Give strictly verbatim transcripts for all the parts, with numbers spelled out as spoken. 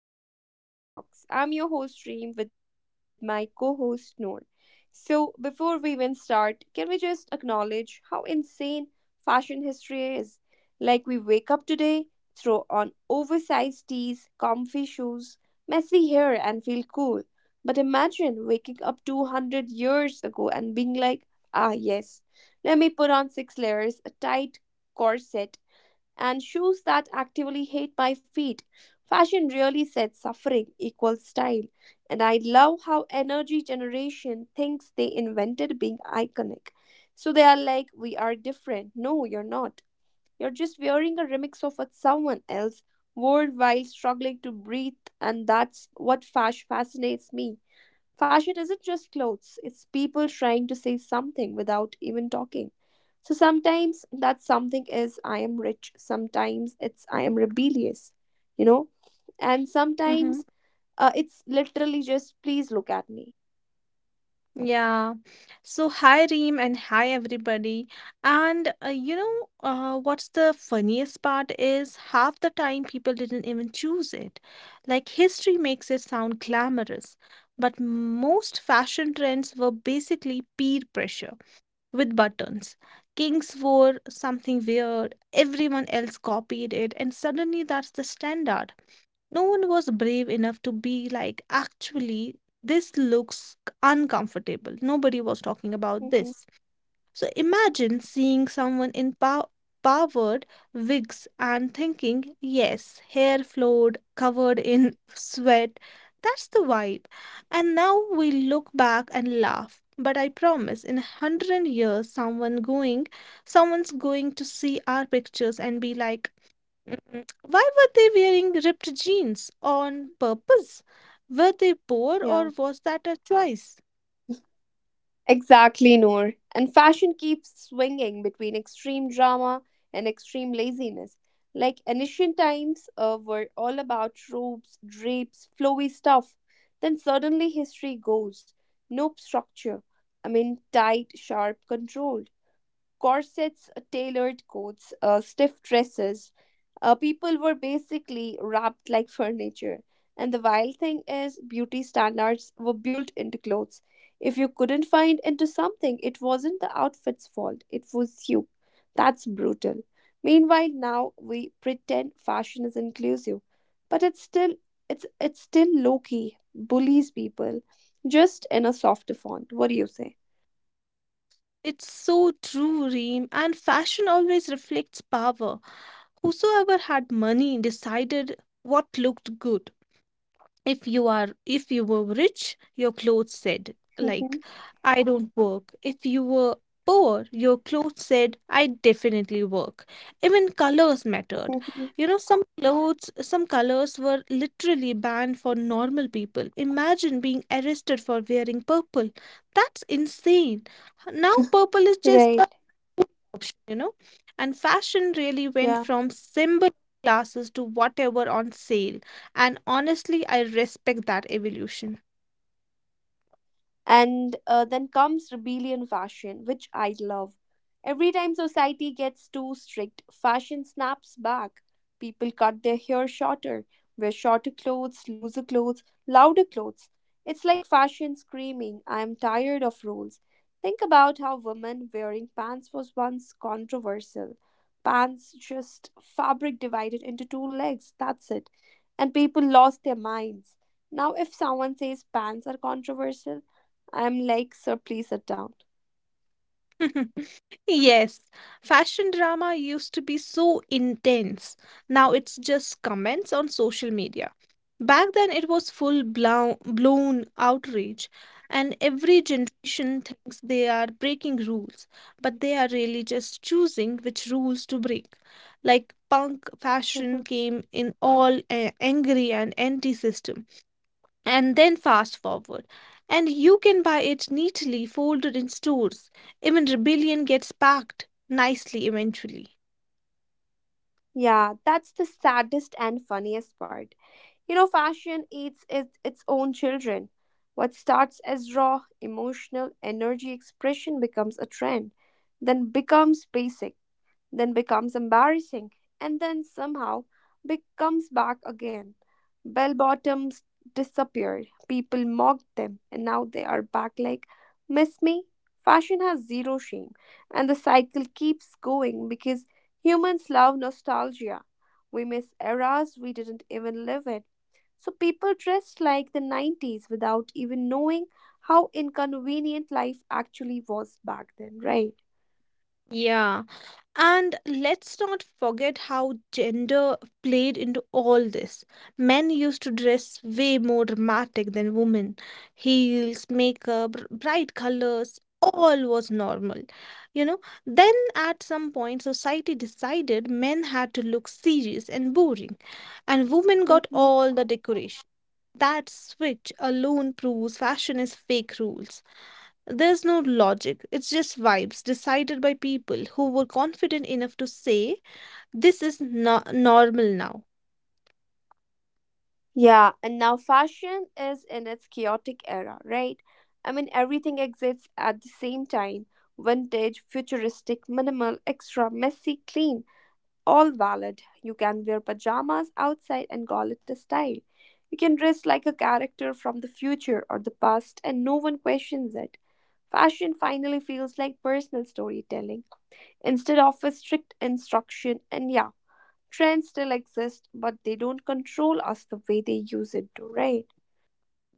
welcome to the Pink Theory Talks. I'm your host Reem with my co-host Noor. So before we even start, can we just acknowledge how insane fashion history is? Like we wake up today, throw on oversized tees, comfy shoes, messy hair, and feel cool. But imagine waking up two hundred years ago and being like, ah yes, let me put on six layers, a tight corset, and shoes that actively hate my feet. Fashion really said suffering equals style, and I love how energy generation thinks they invented being iconic. So they are like, we are different. No, you're not. You're just wearing a remix of what someone else wore while struggling to breathe, and that's what fash fascinates me. Fashion isn't just clothes, it's people trying to say something without even talking. So sometimes that something is I am rich, sometimes it's I am rebellious, you know, and Mm-hmm. sometimes uh, it's literally just please look at me. Yeah. So, hi Reem and hi everybody. And uh, you know, uh, what's the funniest part is half the time people didn't even choose it. Like, history makes it sound glamorous, but most fashion trends were basically peer pressure with buttons. Kings wore something weird, everyone else copied it, and suddenly that's the standard. No one was brave enough to be like, actually, this looks uncomfortable. Nobody was talking about Hmm. this. So imagine seeing someone in pow- powered wigs and thinking, yes, hair flowed, covered in sweat. That's the vibe. And now we look back and laugh. But I promise, in a hundred years, someone going, someone's going to see our pictures and be like, Mm, why were they wearing ripped jeans? On purpose? Were they poor Yeah, or was that a choice? exactly, Noor. And fashion keeps swinging between extreme drama and extreme laziness. Like ancient times uh, were all about robes, drapes, flowy stuff. Then suddenly history goes. Nope, structure. I mean, tight, sharp control. Corsets, uh, tailored coats, uh, stiff dresses. Uh, people were basically wrapped like furniture. And the wild thing is, beauty standards were built into clothes. If you couldn't find into something, it wasn't the outfit's fault, it was you. That's brutal. Meanwhile, now we pretend fashion is inclusive, but it's still it's it's still low key, bullies people, just in a softer font. What do you say? It's so true, Reem, and fashion always reflects power. Whosoever had money decided what looked good. If you are if you were rich, your clothes said, like, Mhm. I don't work. If you were poor, your clothes said, I definitely work. Even colors mattered. Mhm. You know some clothes some colors were literally banned for normal people. Imagine being arrested for wearing purple. That's insane. Now purple is just Right. a option, you know. And fashion really went Yeah. from symbol classes to whatever on sale. And honestly, I respect that evolution. and uh, then comes rebellion fashion, which I love. Every time society gets too strict, fashion snaps back. People cut their hair shorter, wear shorter clothes, looser clothes, louder clothes. It's like fashion screaming, I am tired of rules. Think about how women wearing pants was once controversial. Pants, just fabric divided into two legs, that's it. And people lost their minds. Now if someone says pants are controversial, I'm like, sir, please sit down. Yes, fashion drama used to be so intense. Now it's just comments on social media. Back then, it was full blown, blown outrage, and every generation thinks they are breaking rules, but they are really just choosing which rules to break. Like punk Mm-hmm. fashion came in all uh, angry and anti system, and then fast forward. And you can buy it neatly folded in stores. Even Rebellion gets packed nicely eventually. Yeah, that's the saddest and funniest part. You know, fashion eats its, its own children. What starts as raw, emotional, energy expression becomes a trend, then becomes basic, then becomes embarrassing, and then somehow becomes back again. Bell bottoms disappeared, people mocked them, and now they are back like, miss me? Fashion has zero shame, and the cycle keeps going because humans love nostalgia. We miss eras we didn't even live in. So people dressed like the nineties without even knowing how inconvenient life actually was back then, right? Yeah. And let's not forget how gender played into all this. Men used to dress way more dramatic than women. Heels, makeup, r- bright colors, all was normal. You know, then at some point, society decided men had to look serious and boring, and women got Mhm. all the decoration. That switch alone proves fashion is fake rules. There's no logic, it's just vibes decided by people who were confident enough to say, this is no- normal now. Yeah, and now fashion is in its chaotic era, right? I mean, everything exists at the same time, vintage, futuristic, minimal, extra, messy, clean, all valid. You can wear pajamas outside and call it a style. You can dress like a character from the future or the past, and no one questions it. Fashion finally feels like personal storytelling instead of a strict instruction, and yeah. Trends still exist, but they don't control us the way they use it to, right?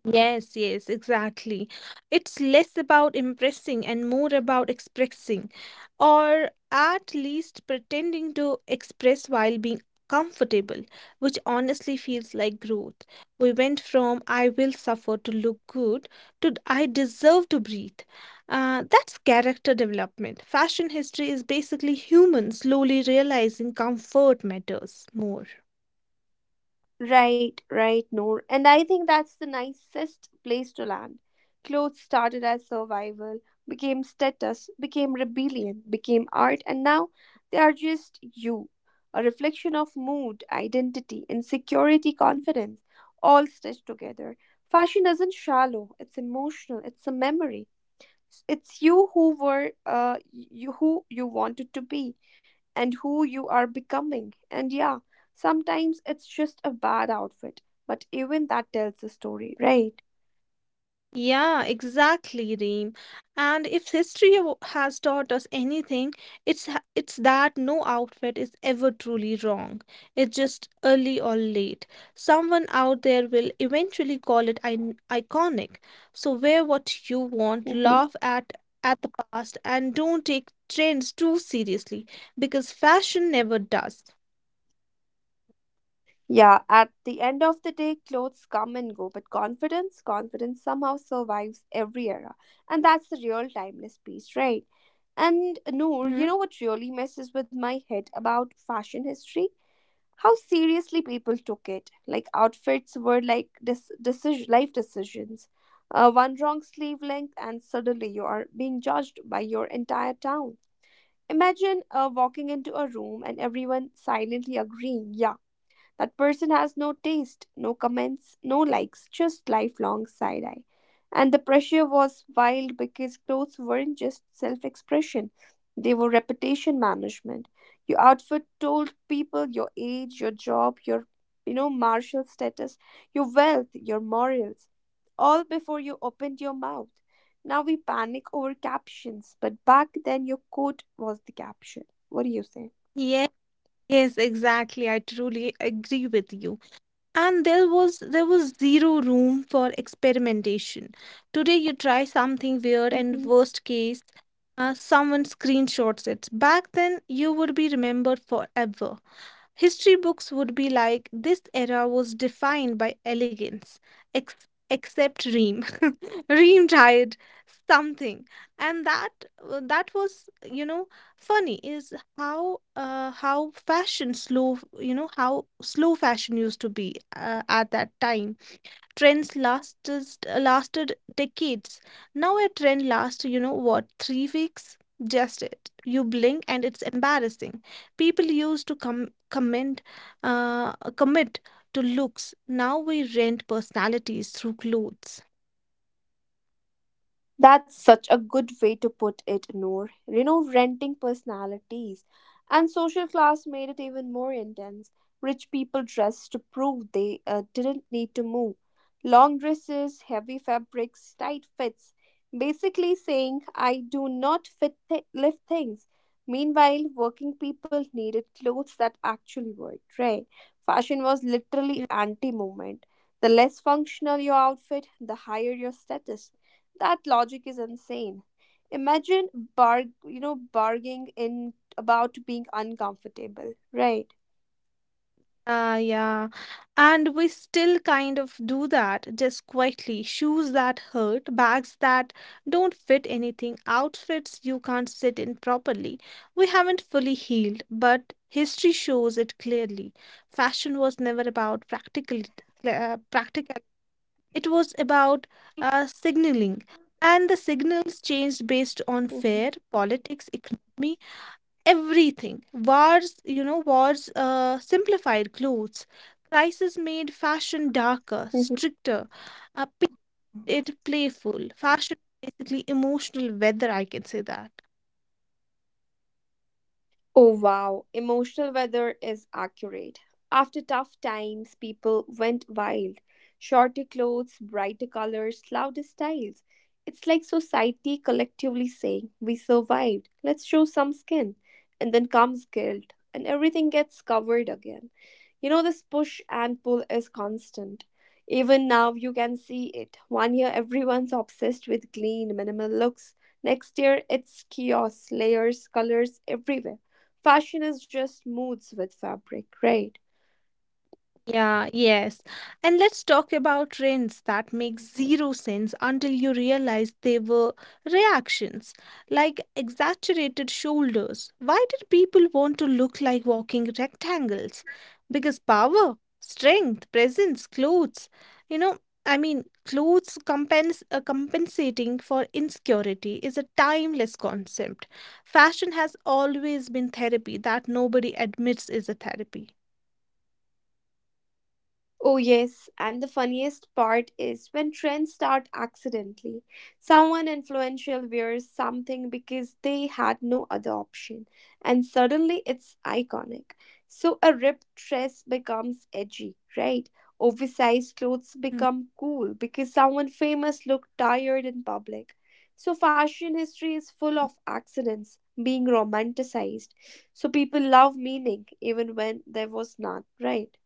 Yes, yes, exactly. It's less about impressing and more about expressing, or at least pretending to express while being comfortable, which honestly feels like growth. We went from I will suffer to look good to I deserve to breathe. Uh, that's character development. Fashion history is basically humans slowly realizing comfort matters more. Right, right, Noor. And I think that's the nicest place to land. Clothes started as survival, became status, became rebellion, became art, and now they are just you. A reflection of mood, identity, insecurity, confidence, all stitched together. Fashion isn't shallow, it's emotional, it's a memory. S- It's you who were uh, y- you who you wanted to be and who you are becoming. And yeah, sometimes it's just a bad outfit, but even that tells the story, right? Yeah, exactly, Reem. And if history w- has taught us anything, it's ha- it's that no outfit is ever truly wrong. It's just early or late. Someone out there will eventually call it in- iconic. So wear what you want, Mm-hmm. laugh at at the past, and don't take trends too seriously because fashion never does. Yeah, at the end of the day, clothes come and go, but confidence, confidence somehow survives every era. And that's the real timeless piece, right? And Noor, Hmm. you know what really messes with my head about fashion history? How seriously people took it. Like outfits were like this, decision, life decisions. Uh, one wrong sleeve length, and suddenly you are being judged by your entire town. Imagine uh, walking into a room and everyone silently agreeing, yeah, that person has no taste, no comments, no likes, just lifelong side eye. And the pressure was wild because clothes weren't just self expression, they were reputation management. Your outfit told people your age, your job, your you know, martial status, your wealth, your morals, all before you opened your mouth. Now we panic over captions, but back then your quote was the caption. What do you say? Yes, yes, exactly. I truly agree with you. And there was there was zero room for experimentation. Today you try something weird and Mhm. worst case, uh, someone screenshots it. Back then you would be remembered forever. History books would be like, this era was defined by elegance, ex- except Reem. Reem tried something. And that uh, that was, you know, funny is how uh, how fashion slow, you know, how slow fashion used to be uh, at that time. Trends lasted lasted decades. Now a trend lasts, you know what, three weeks. Just it you blink and it's embarrassing. People used to com- comment uh, commit to looks. Now we rent personalities through clothes. That's such a good way to put it, Noor. You know, renting personalities and social class made it even more intense. Rich people dressed to prove they uh, didn't need to move. Long dresses, heavy fabrics, tight fits. Basically saying, I do not fit th- lift things. Meanwhile, working people needed clothes that actually worked, right? Fashion was literally anti movement. The less functional your outfit, the higher your status, that logic is insane. Imagine barg you know barging in about being uncomfortable, right? Yeah, yeah. And we still kind of do that, just quietly. Shoes that hurt, bags that don't fit anything, outfits you can't sit in properly. We haven't fully healed, but history shows it clearly. Fashion was never about practical, uh, practical. It was about uh, signaling, and the signals changed based on fear, politics, economy, everything. Wars you know wars uh, simplified clothes. Crisis made fashion darker, stricter, uh, painted it playful. Fashion is basically emotional weather, I can say that. Oh wow, emotional weather is accurate. After tough times, people went wild. Shorter clothes, brighter colors, louder styles. It's like society collectively saying, we survived, let's show some skin. And then comes guilt, and everything gets covered again. You know, this push and pull is constant. Even now, you can see it. One year, everyone's obsessed with clean, minimal looks. Next year, it's chaos, layers, colors everywhere. Fashion is just moods with fabric, right? Yeah, yes. And let's talk about trends that make zero sense until you realize they were reactions, like exaggerated shoulders. Why did people want to look like walking rectangles? Because power, strength, presence, clothes, you know, I mean, clothes compens uh, compensating for insecurity is a timeless concept. Fashion has always been therapy that nobody admits is a therapy. Oh, yes, and the funniest part is when trends start accidentally. Someone influential wears something because they had no other option, and suddenly it's iconic. So a ripped dress becomes edgy, right? Oversized clothes Mm, become cool because someone famous looked tired in public. So fashion history is full of accidents being romanticized. So people love meaning even when there was none, right?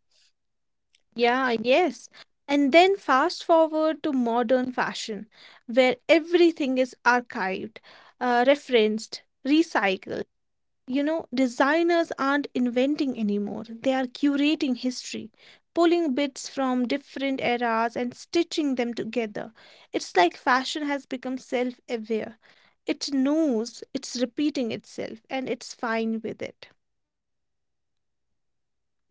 yeah, yes. And then fast forward to modern fashion, where everything is archived, uh, referenced, recycled. You know, designers aren't inventing anymore, they are curating history, pulling bits from different eras and stitching them together. It's like fashion has become self aware. It knows it's repeating itself and it's fine with it.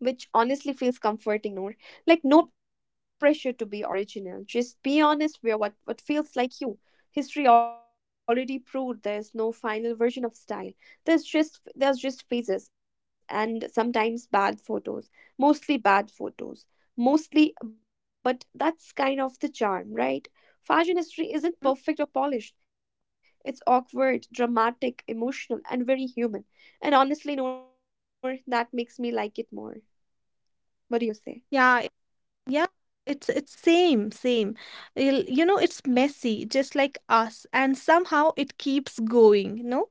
Which honestly feels comforting, Noor. Like no pressure to be original. Just be honest where what, what feels like you. History already proved there's no final version of style. There's just there's just phases and sometimes bad photos. Mostly bad photos. Mostly, but that's kind of the charm, right? Fashion history Mm, isn't perfect or polished. It's awkward, dramatic, emotional, and very human. And honestly, Noor, that makes me like it more. What do yeah, it- you say? yeah, it's it's same, same. You'll- You know, it's messy, just like us, and somehow it keeps going, no?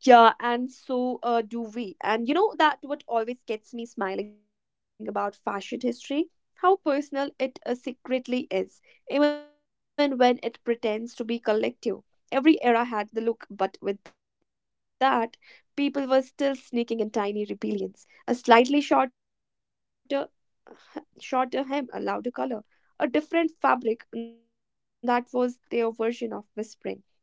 Yeah, and so uh, do we. And you know that what always gets me smiling about fashion history? How personal it uh, secretly is, even when it pretends to be collective. Every era had the look, but with that, people were still sneaking in tiny rebellions. A slightly shorter, shorter hem, a louder color, a different fabric, that was their version of whispering.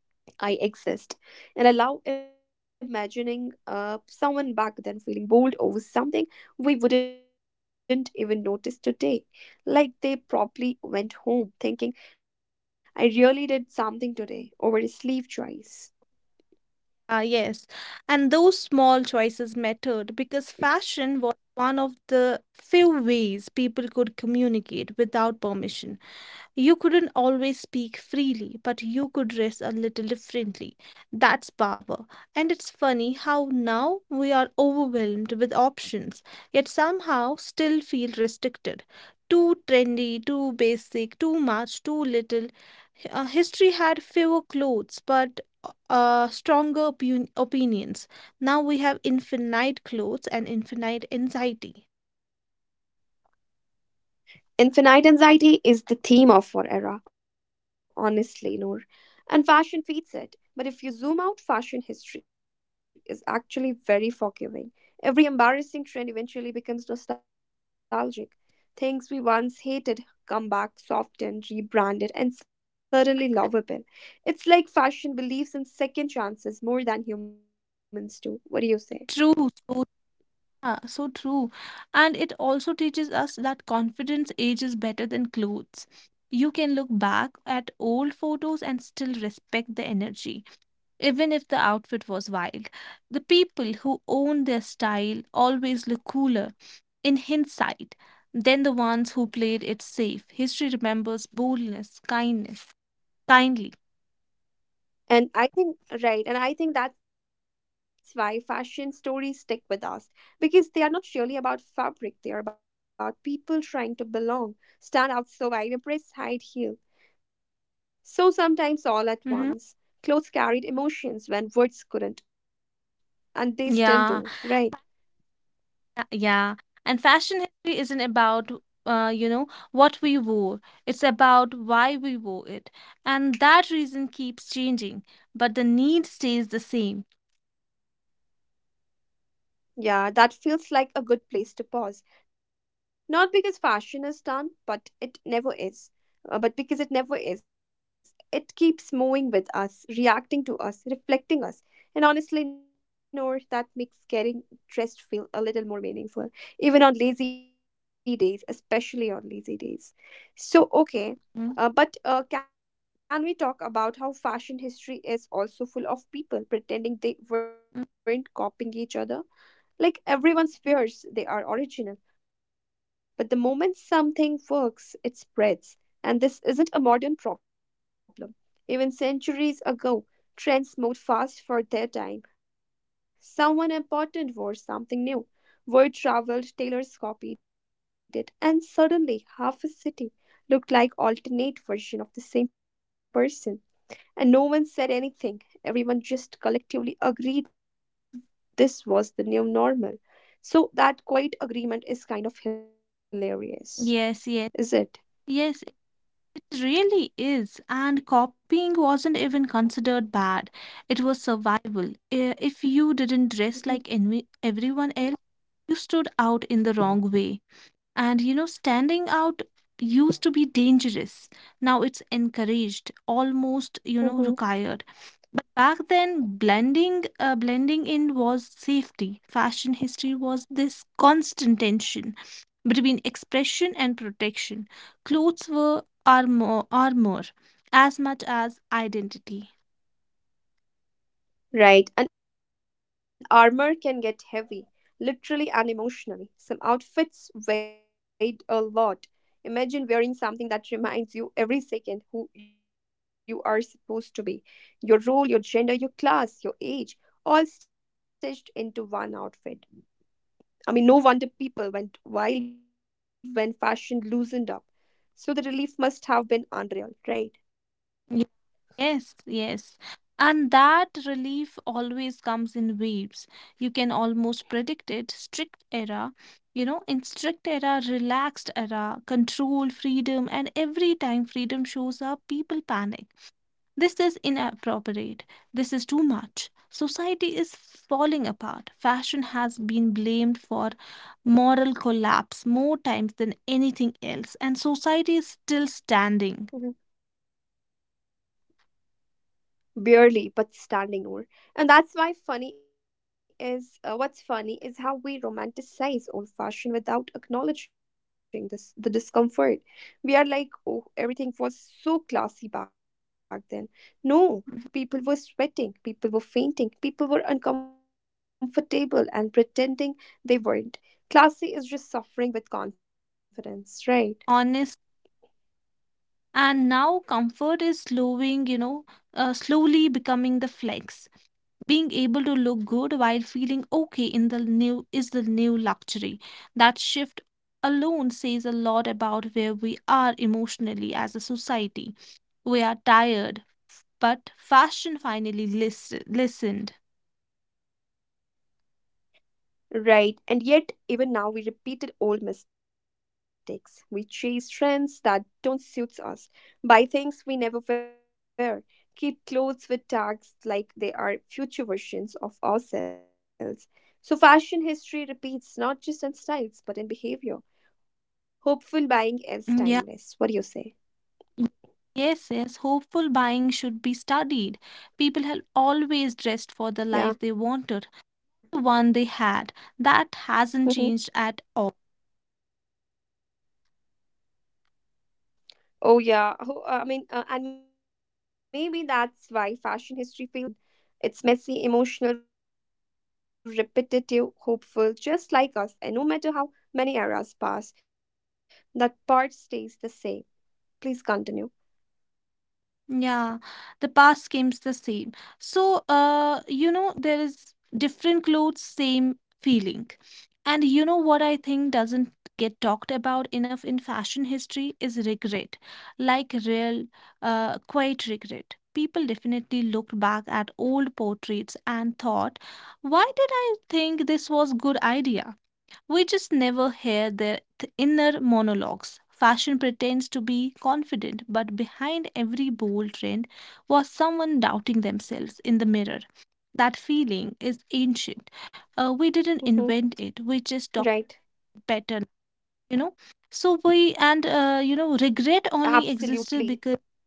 I exist. And I love imagining uh, someone back then feeling bold over something we wouldn't even notice today. Like they probably went home thinking, I really did something today over a sleeve choice. Ah, yes. And those small choices mattered because fashion was one of the few ways people could communicate without permission. You couldn't always speak freely, but you could dress a little differently. That's power. And it's funny how now we are overwhelmed with options, yet somehow still feel restricted. Too trendy, too basic, too much, too little. H- uh, history had fewer clothes, but uh, stronger opi- opinions. Now we have infinite clothes and infinite anxiety. Infinite anxiety is the theme of our era, honestly, Noor. And fashion feeds it. But if you zoom out, fashion history is actually very forgiving. Every embarrassing trend eventually becomes nostalgic. Things we once hated come back softened, rebranded, and suddenly lovable. It's like fashion believes in second chances more than humans do. What do you say? True. Yeah, so true. And it also teaches us that confidence ages better than clothes. You can look back at old photos and still respect the energy, even if the outfit was wild. The people who own their style always look cooler in hindsight than the ones who played it safe. History remembers boldness, kindness, kindly. And I think, right, and I think that's why fashion stories stick with us because they are not really about fabric, they are about people trying to belong, stand out, survive, impress, hide, heal. So sometimes all at Hmm. once. Clothes carried emotions when words couldn't, and they still do, Yeah. right? Uh, Yeah, and fashion history isn't about uh, you know what we wore. It's about why we wore it, and that reason keeps changing, but the need stays the same. Yeah, that feels like a good place to pause. Not because fashion is done, but it never is. Uh, but because it never is, it keeps moving with us, reacting to us, reflecting us. And honestly, Noor, that makes getting dressed feel a little more meaningful, even on lazy days, especially on lazy days. So, okay, Mm, uh, but uh, can we talk about how fashion history is also full of people pretending they mm, weren't copying each other? Like everyone mm. swears they are original, but the moment something works, it spreads. And this isn't a modern problem. Even centuries ago, trends moved fast for their time. Someone important wore something new. Word traveled, tailors copied it, and suddenly half a city looked like alternate version of the same person. And no one said anything. Everyone just collectively agreed this was the new normal. So that quiet agreement is kind of hilarious, Yes, is yes, it? yes. It really is. And copying wasn't even considered bad. It was survival. I- If you didn't dress like envi- everyone else, you stood out in the wrong way. And you know, standing out used to be dangerous. Now it's encouraged, Mm-hmm. almost, you know, required. But back then, blending, uh, blending in was safety. Fashion history was this constant tension between expression and protection. Clothes were armor, armor as much as identity. Right. And armor can get heavy, literally and emotionally. Some outfits weigh a lot. Imagine wearing something that reminds you every second who you are supposed to be, your role, your gender, your class, your age, all stitched into one outfit. I mean, no wonder people went wild when fashion loosened up. So the relief must have been unreal, right? Yes, yes. And that relief always comes in waves. You can almost predict it. Strict era, you know, in strict era, relaxed era, control, freedom, and every time freedom shows up, people panic. This is inappropriate. This is too much. Society is falling apart. Fashion has been blamed for moral collapse more times than anything else, and society is still standing. Mm-hmm. Barely but standing, Noor. And that's why funny is uh, what's funny is how we romanticize old fashioned without acknowledging this the discomfort. We are like, oh, everything was so classy back then. No, Mhm. people were sweating, people were fainting, people were uncomfortable and pretending they weren't. Classy is just suffering with confidence, right? Honest. And now comfort is slowing you know uh, slowly becoming the flex. Being able to look good while feeling okay in the new is the new luxury. That shift alone says a lot about where we are emotionally as a society. We are tired. But fashion finally lis- listened. Right, and yet even now we repeated old mistakes. We chase trends that don't suit us, buy things we never wear, keep clothes with tags like they are future versions of ourselves. So fashion history repeats not just in styles but in behavior. Hopeful buying is Mm, yeah. timeless. What do you say? Yes, yes, hopeful buying should be studied. People have always dressed for the life they wanted, Yeah. the one they had. That hasn't changed at Hmm. all. Oh, yeah. Oh, uh, I mean, uh, and maybe that's why fashion history feels so human. It's messy, emotional, repetitive, hopeful, just like us. And no matter how many eras pass, that part stays the same. Please continue. Yeah, the past seems the same. So, uh, you know, there is different clothes, same feeling. And you know what I think doesn't get talked about enough in fashion history is regret, like real, uh, quiet regret. People definitely looked back at old portraits and thought, why did I think this was good idea? We just never hear their th- inner monologues. Fashion pretends to be confident, but behind every bold trend was someone doubting themselves in the mirror. That feeling is ancient. Uh, we didn't Mm-hmm. invent it, we just talk better, Right. you know? So we, and uh, you know, regret only existed because, Absolutely.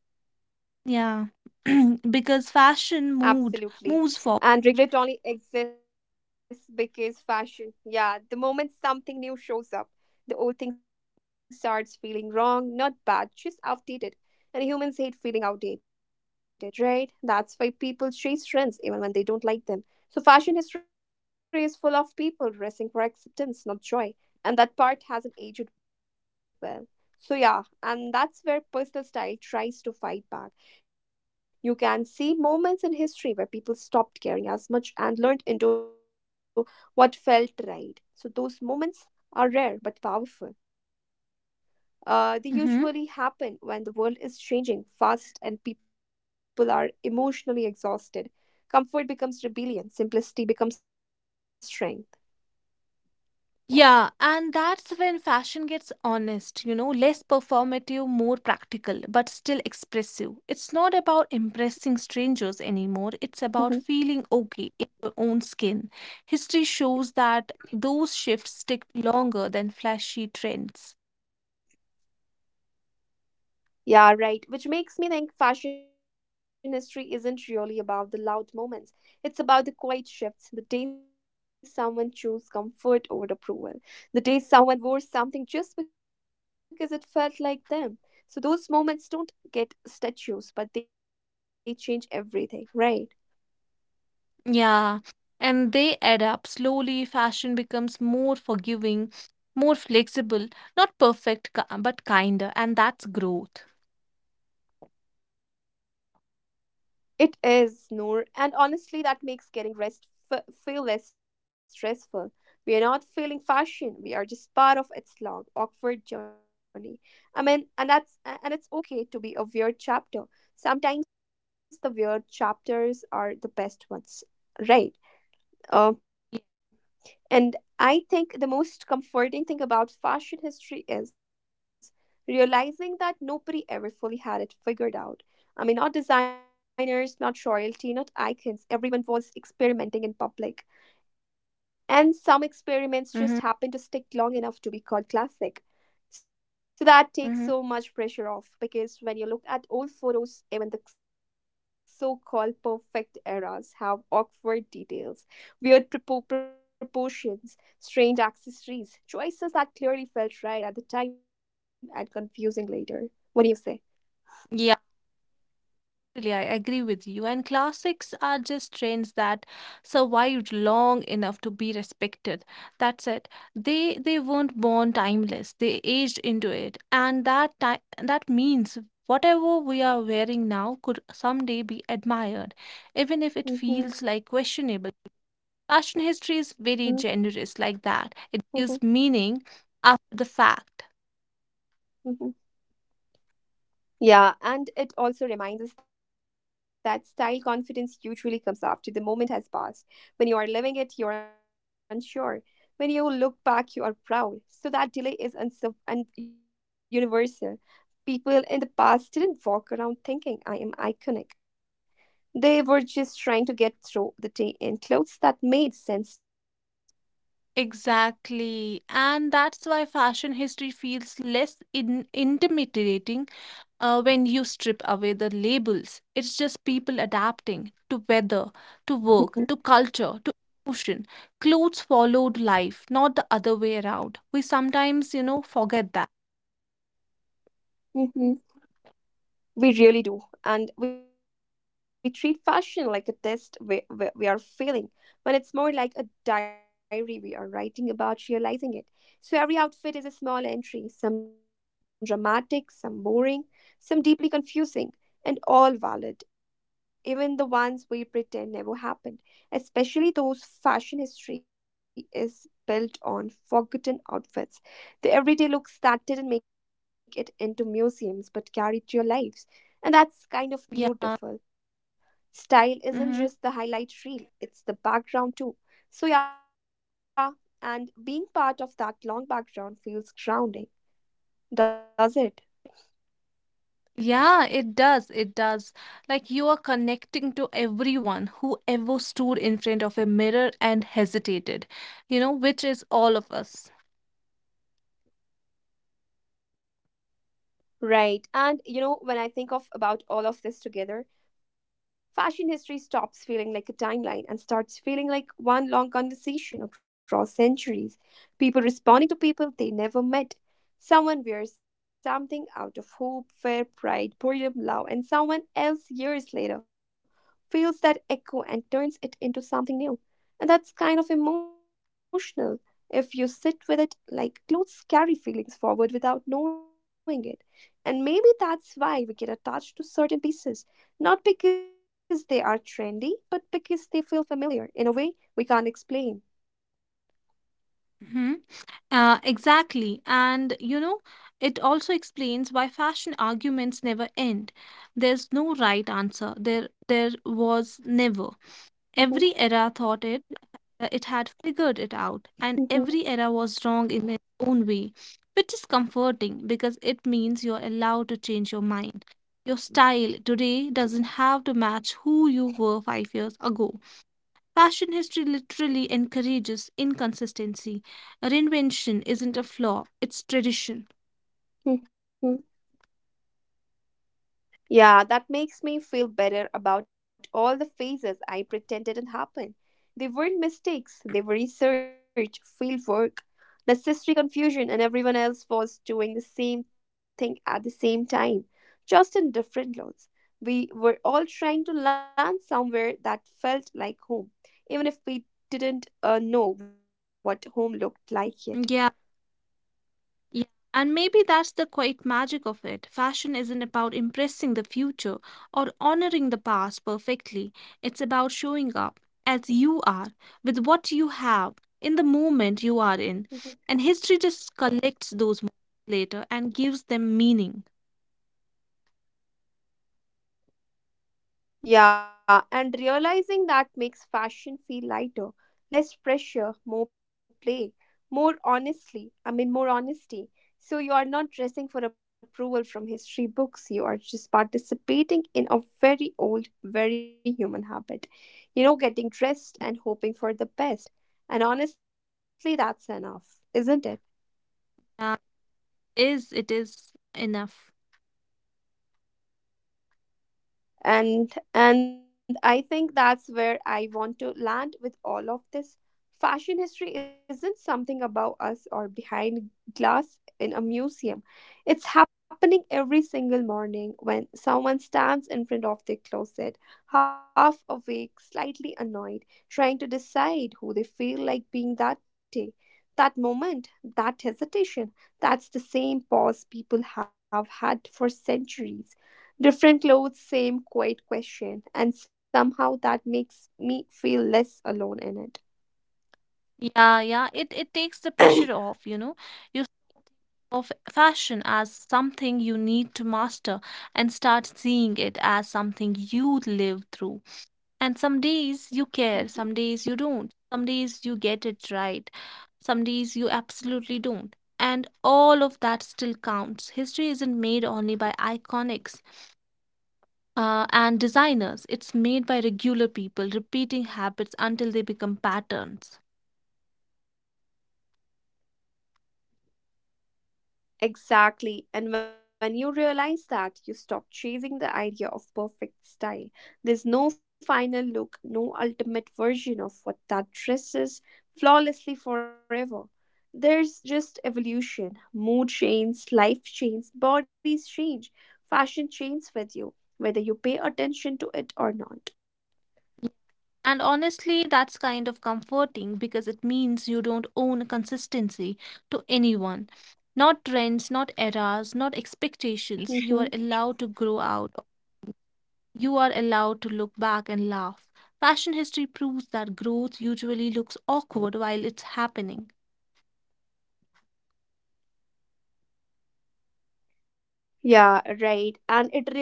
yeah, because fashion moved, moves Absolutely. forward. And regret only exists because fashion, yeah, the moment something new shows up, the old thing starts feeling wrong, not bad, just outdated. And humans hate feeling outdated, right? That's why people chase trends even when they don't like them. So fashion history is full of people dressing for acceptance, not joy. And that part hasn't aged well. So, yeah, and that's where personal style tries to fight back. You can see moments in history where people stopped caring as much and learned into what felt right. So those moments are rare but powerful. Uh, they Mm-hmm. usually happen when the world is changing fast and people are emotionally exhausted. Comfort becomes rebellion, simplicity becomes strength. Yeah, and that's when fashion gets honest, you know, less performative, more practical, but still expressive. It's not about impressing strangers anymore, it's about Mm-hmm. feeling okay in your own skin. History shows that those shifts stick longer than flashy trends. Yeah, right. Which makes me think fashion history isn't really about the loud moments. It's about the quiet shifts, the day someone chose comfort over approval, the day someone wore something just because it felt like them. So those moments don't get statues, but they change everything, right? Yeah, and they add up. Slowly, fashion becomes more forgiving, more flexible, not perfect, ki- but kinder, and that's growth. It is, Noor, and honestly, that makes getting rest f- feel less stressful. We are not failing fashion; we are just part of its long, awkward journey. I mean, and that's a- and it's okay to be a weird chapter. Sometimes the weird chapters are the best ones, right? Um. And I think the most comforting thing about fashion history is realizing that nobody ever fully had it figured out. I mean, not designers, not royalty, not icons. Everyone was experimenting in public. And some experiments Mhm, just happened to stick long enough to be called classic. So that takes mhm. so much pressure off, because when you look at old photos, even the so called perfect eras have awkward details, weird propo- proportions, strange accessories, choices that clearly felt right at the time and confusing later. What do you say? Yeah, really, I agree with you. And classics are just trends that survived long enough to be respected. That's it. They they weren't born timeless. They aged into it, and that ti- that means whatever we are wearing now could someday be admired, even if it feels like questionable. Fashion history is very Mm-hmm, generous like that. It gives mm-hmm, meaning after the fact. mm-hmm. Yeah, and it also reminds us that style confidence usually comes after the moment has passed. When you are living it, you're unsure. When you look back, you are proud. So that delay is unserv- and universal. People in the past didn't walk around thinking, I am iconic. They were just trying to get through the day in clothes that made sense to them, right? Exactly. And that's why fashion history feels less in- intimidating uh, when you strip away the labels. It's just people adapting to weather, to work, to culture, to emotion. Clothes followed life, not the other way around. We sometimes, you know, forget that. Mm-hmm. We really do. And we treat fashion like a test we, we, we are failing, when it's more like a diary we are writing about realizing it. So every outfit is a small entry, some dramatic, some boring, some deeply confusing, and all valid, even the ones we pretend never happened, especially those. Fashion history is built on forgotten outfits, the everyday looks that didn't make it into museums but carried to your lives. And that's kind of Yeah. beautiful. Style isn't Mm-hmm. just the highlight reel, it's the background too. So, yeah, and being part of that long background feels grounding, does it? Yeah, it does. It does. Like you are connecting to everyone who ever stood in front of a mirror and hesitated, you know, which is all of us. Right. And you know, when I think of about all of this together, fashion history stops feeling like a timeline and starts feeling like one long conversation across centuries. People responding to people they never met. Someone wears something out of hope, fear, pride, boredom, love, and someone else years later feels that echo and turns it into something new. And that's kind of emotional if you sit with it, like clothes carry feelings forward without knowing it. And maybe that's why we get attached to certain pieces, not because they are trendy, but because they feel familiar in a way we can't explain. Hmm. Uh, exactly. And you know, it also explains why fashion arguments never end. There's no right answer. There there was never. Every Mhm, era thought it uh, it had figured it out, and mhm, every era was wrong in its own way, which is comforting because it means you're allowed to change your mind. Your style today doesn't have to match who you were five years ago. Fashion history literally encourages inconsistency. Reinvention isn't a flaw, it's tradition. mhm. Yeah, that makes me feel better about all the phases I pretend didn't happen. They weren't mistakes, they were research, field work, necessary confusion, and everyone else was doing the same thing at the same time, just in different clothes. We were all trying to land somewhere that felt like home, even if we didn't uh, know what home looked like yet. Yeah. Yeah, and maybe that's the quiet magic of it. Fashion isn't about impressing the future or honoring the past perfectly. It's about showing up as you are, with what you have, in the moment you are in. Mhm. And history just collects those moments later and gives them meaning. Yeah, and realizing that makes fashion feel lighter, less pressure, more play, more honestly. I mean, more honesty. So you are not dressing for approval from history books. You are just participating in a very old, very human habit. You know, getting dressed and hoping for the best. And honestly, that's enough, isn't it? Uh, is it is enough. and and I think that's where I want to land with all of this. Fashion history isn't something about us or behind glass in a museum. It's happening every single morning when someone stands in front of their closet, half awake, slightly annoyed, trying to decide who they feel like being that day. That moment, that hesitation, that's the same pause people have had for centuries. Different clothes, same quiet question, and somehow that makes me feel less alone in it. Yeah, yeah. It it takes the pressure off, you know. You of fashion as something you need to master and start seeing it as something you live through. And some days you care, some days you don't, some days you get it right, some days you absolutely don't. And all of that still counts. History isn't made only by iconics uh, and designers, it's made by regular people repeating habits until they become patterns. Exactly. And when you realize that, you stop chasing the idea of perfect style. There's no final look, no ultimate version of what that dress is, flawlessly forever. There's just evolution. Mood changes, life changes, bodies change, fashion changes with you, whether you pay attention to it or not. And honestly, that's kind of comforting because it means you don't own consistency to anyone. Not trends, not Hmm. eras, not expectations. You are allowed to grow out. You are allowed to look back Hmm. and laugh. Fashion history proves that growth usually looks awkward while it's happening. Yeah, right. And it really does. Uh,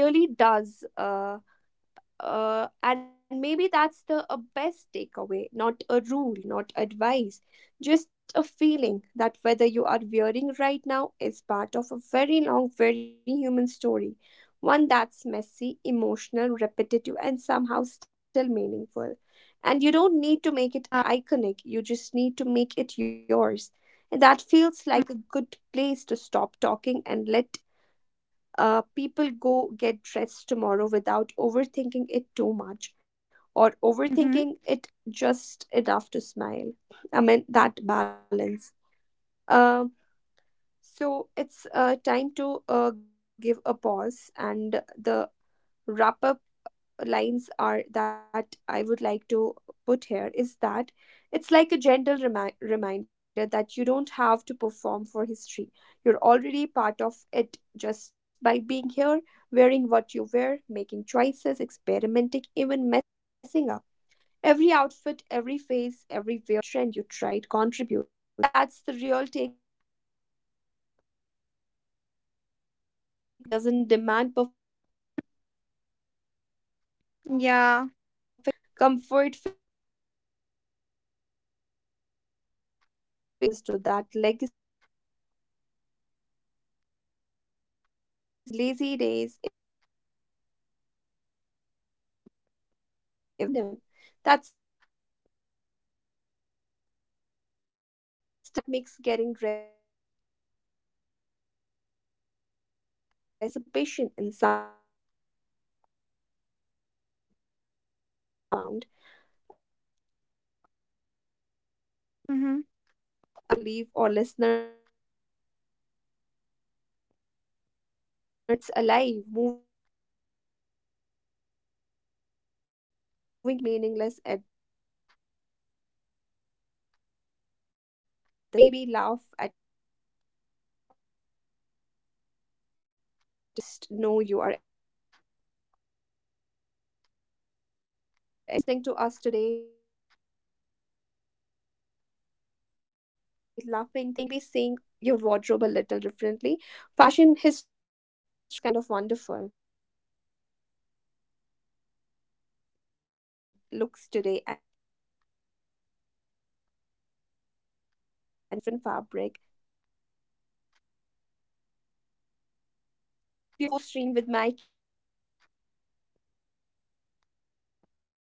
uh, and maybe that's the a best takeaway, not a rule, not advice, just a feeling that whether you are wearing right now is part of a very long, very human story, one that's messy, emotional, repetitive, and somehow still meaningful. And you don't need to make it iconic, you just need to make it yours. Yeah. And that feels like a good place to stop talking and let uh, people go get dressed tomorrow without overthinking it too much, or overthinking it just enough to smile. I Mm-hmm. mean, that balance. Um, so it's uh, time to uh, give a pause, and the wrap up lines are that I would like to put here is that it's like a gentle remi- reminder that you don't have to perform for history. You're already part of it just by being here, wearing what you wear, making choices, experimenting, even messing up. Every outfit, every face, every weird trend you tried contributes. And that's kind of magical when you think about it. And maybe that's the real takeaway. Fashion history is forgiving, it doesn't shame, it doesn't demand perfection. It just carries memory, emotion, Yeah. rebellion, comfort, failure, and joy forward. And we get to add our own little pieces to that legacy without overthinking it. And yeah, it's comforting, even on lazy days, even when we feel unsure, even when we throw on something random. That's still part of the story, still valid, still human. And honestly, that makes getting dressed every day feel like less of a chore and more like participation in something bigger, something ongoing, something quietly profound. And always, uh, and I think that's Mhm. the perfect note to leave our listeners on, that fashion history isn't distant or untouchable. It's alive, moving, and it's everything we do, even in the small choices that feel meaningless at the time. So tomorrow, when you stand in front of your closet, maybe laugh at a trend, maybe pick something brave, maybe just wear comfort, just know you are adding to the story. And that's enough, that's really enough. So, thanks for listening to us today, laughing, thinking, and maybe seeing your wardrobe a little differently. Fashion history isn't over, it's happening every morning with every choice. And that feels kind of wonderful. All right, friends, go get dressed, however that looks today, and keep being part of the story. We'll see you in the next time. Same flow, different fabric. Stay stylish or stay cozy or both. Uh, this was your host, Stream, with my cute co host, Noor. We'll catch you in the next episode. Till then, bye bye.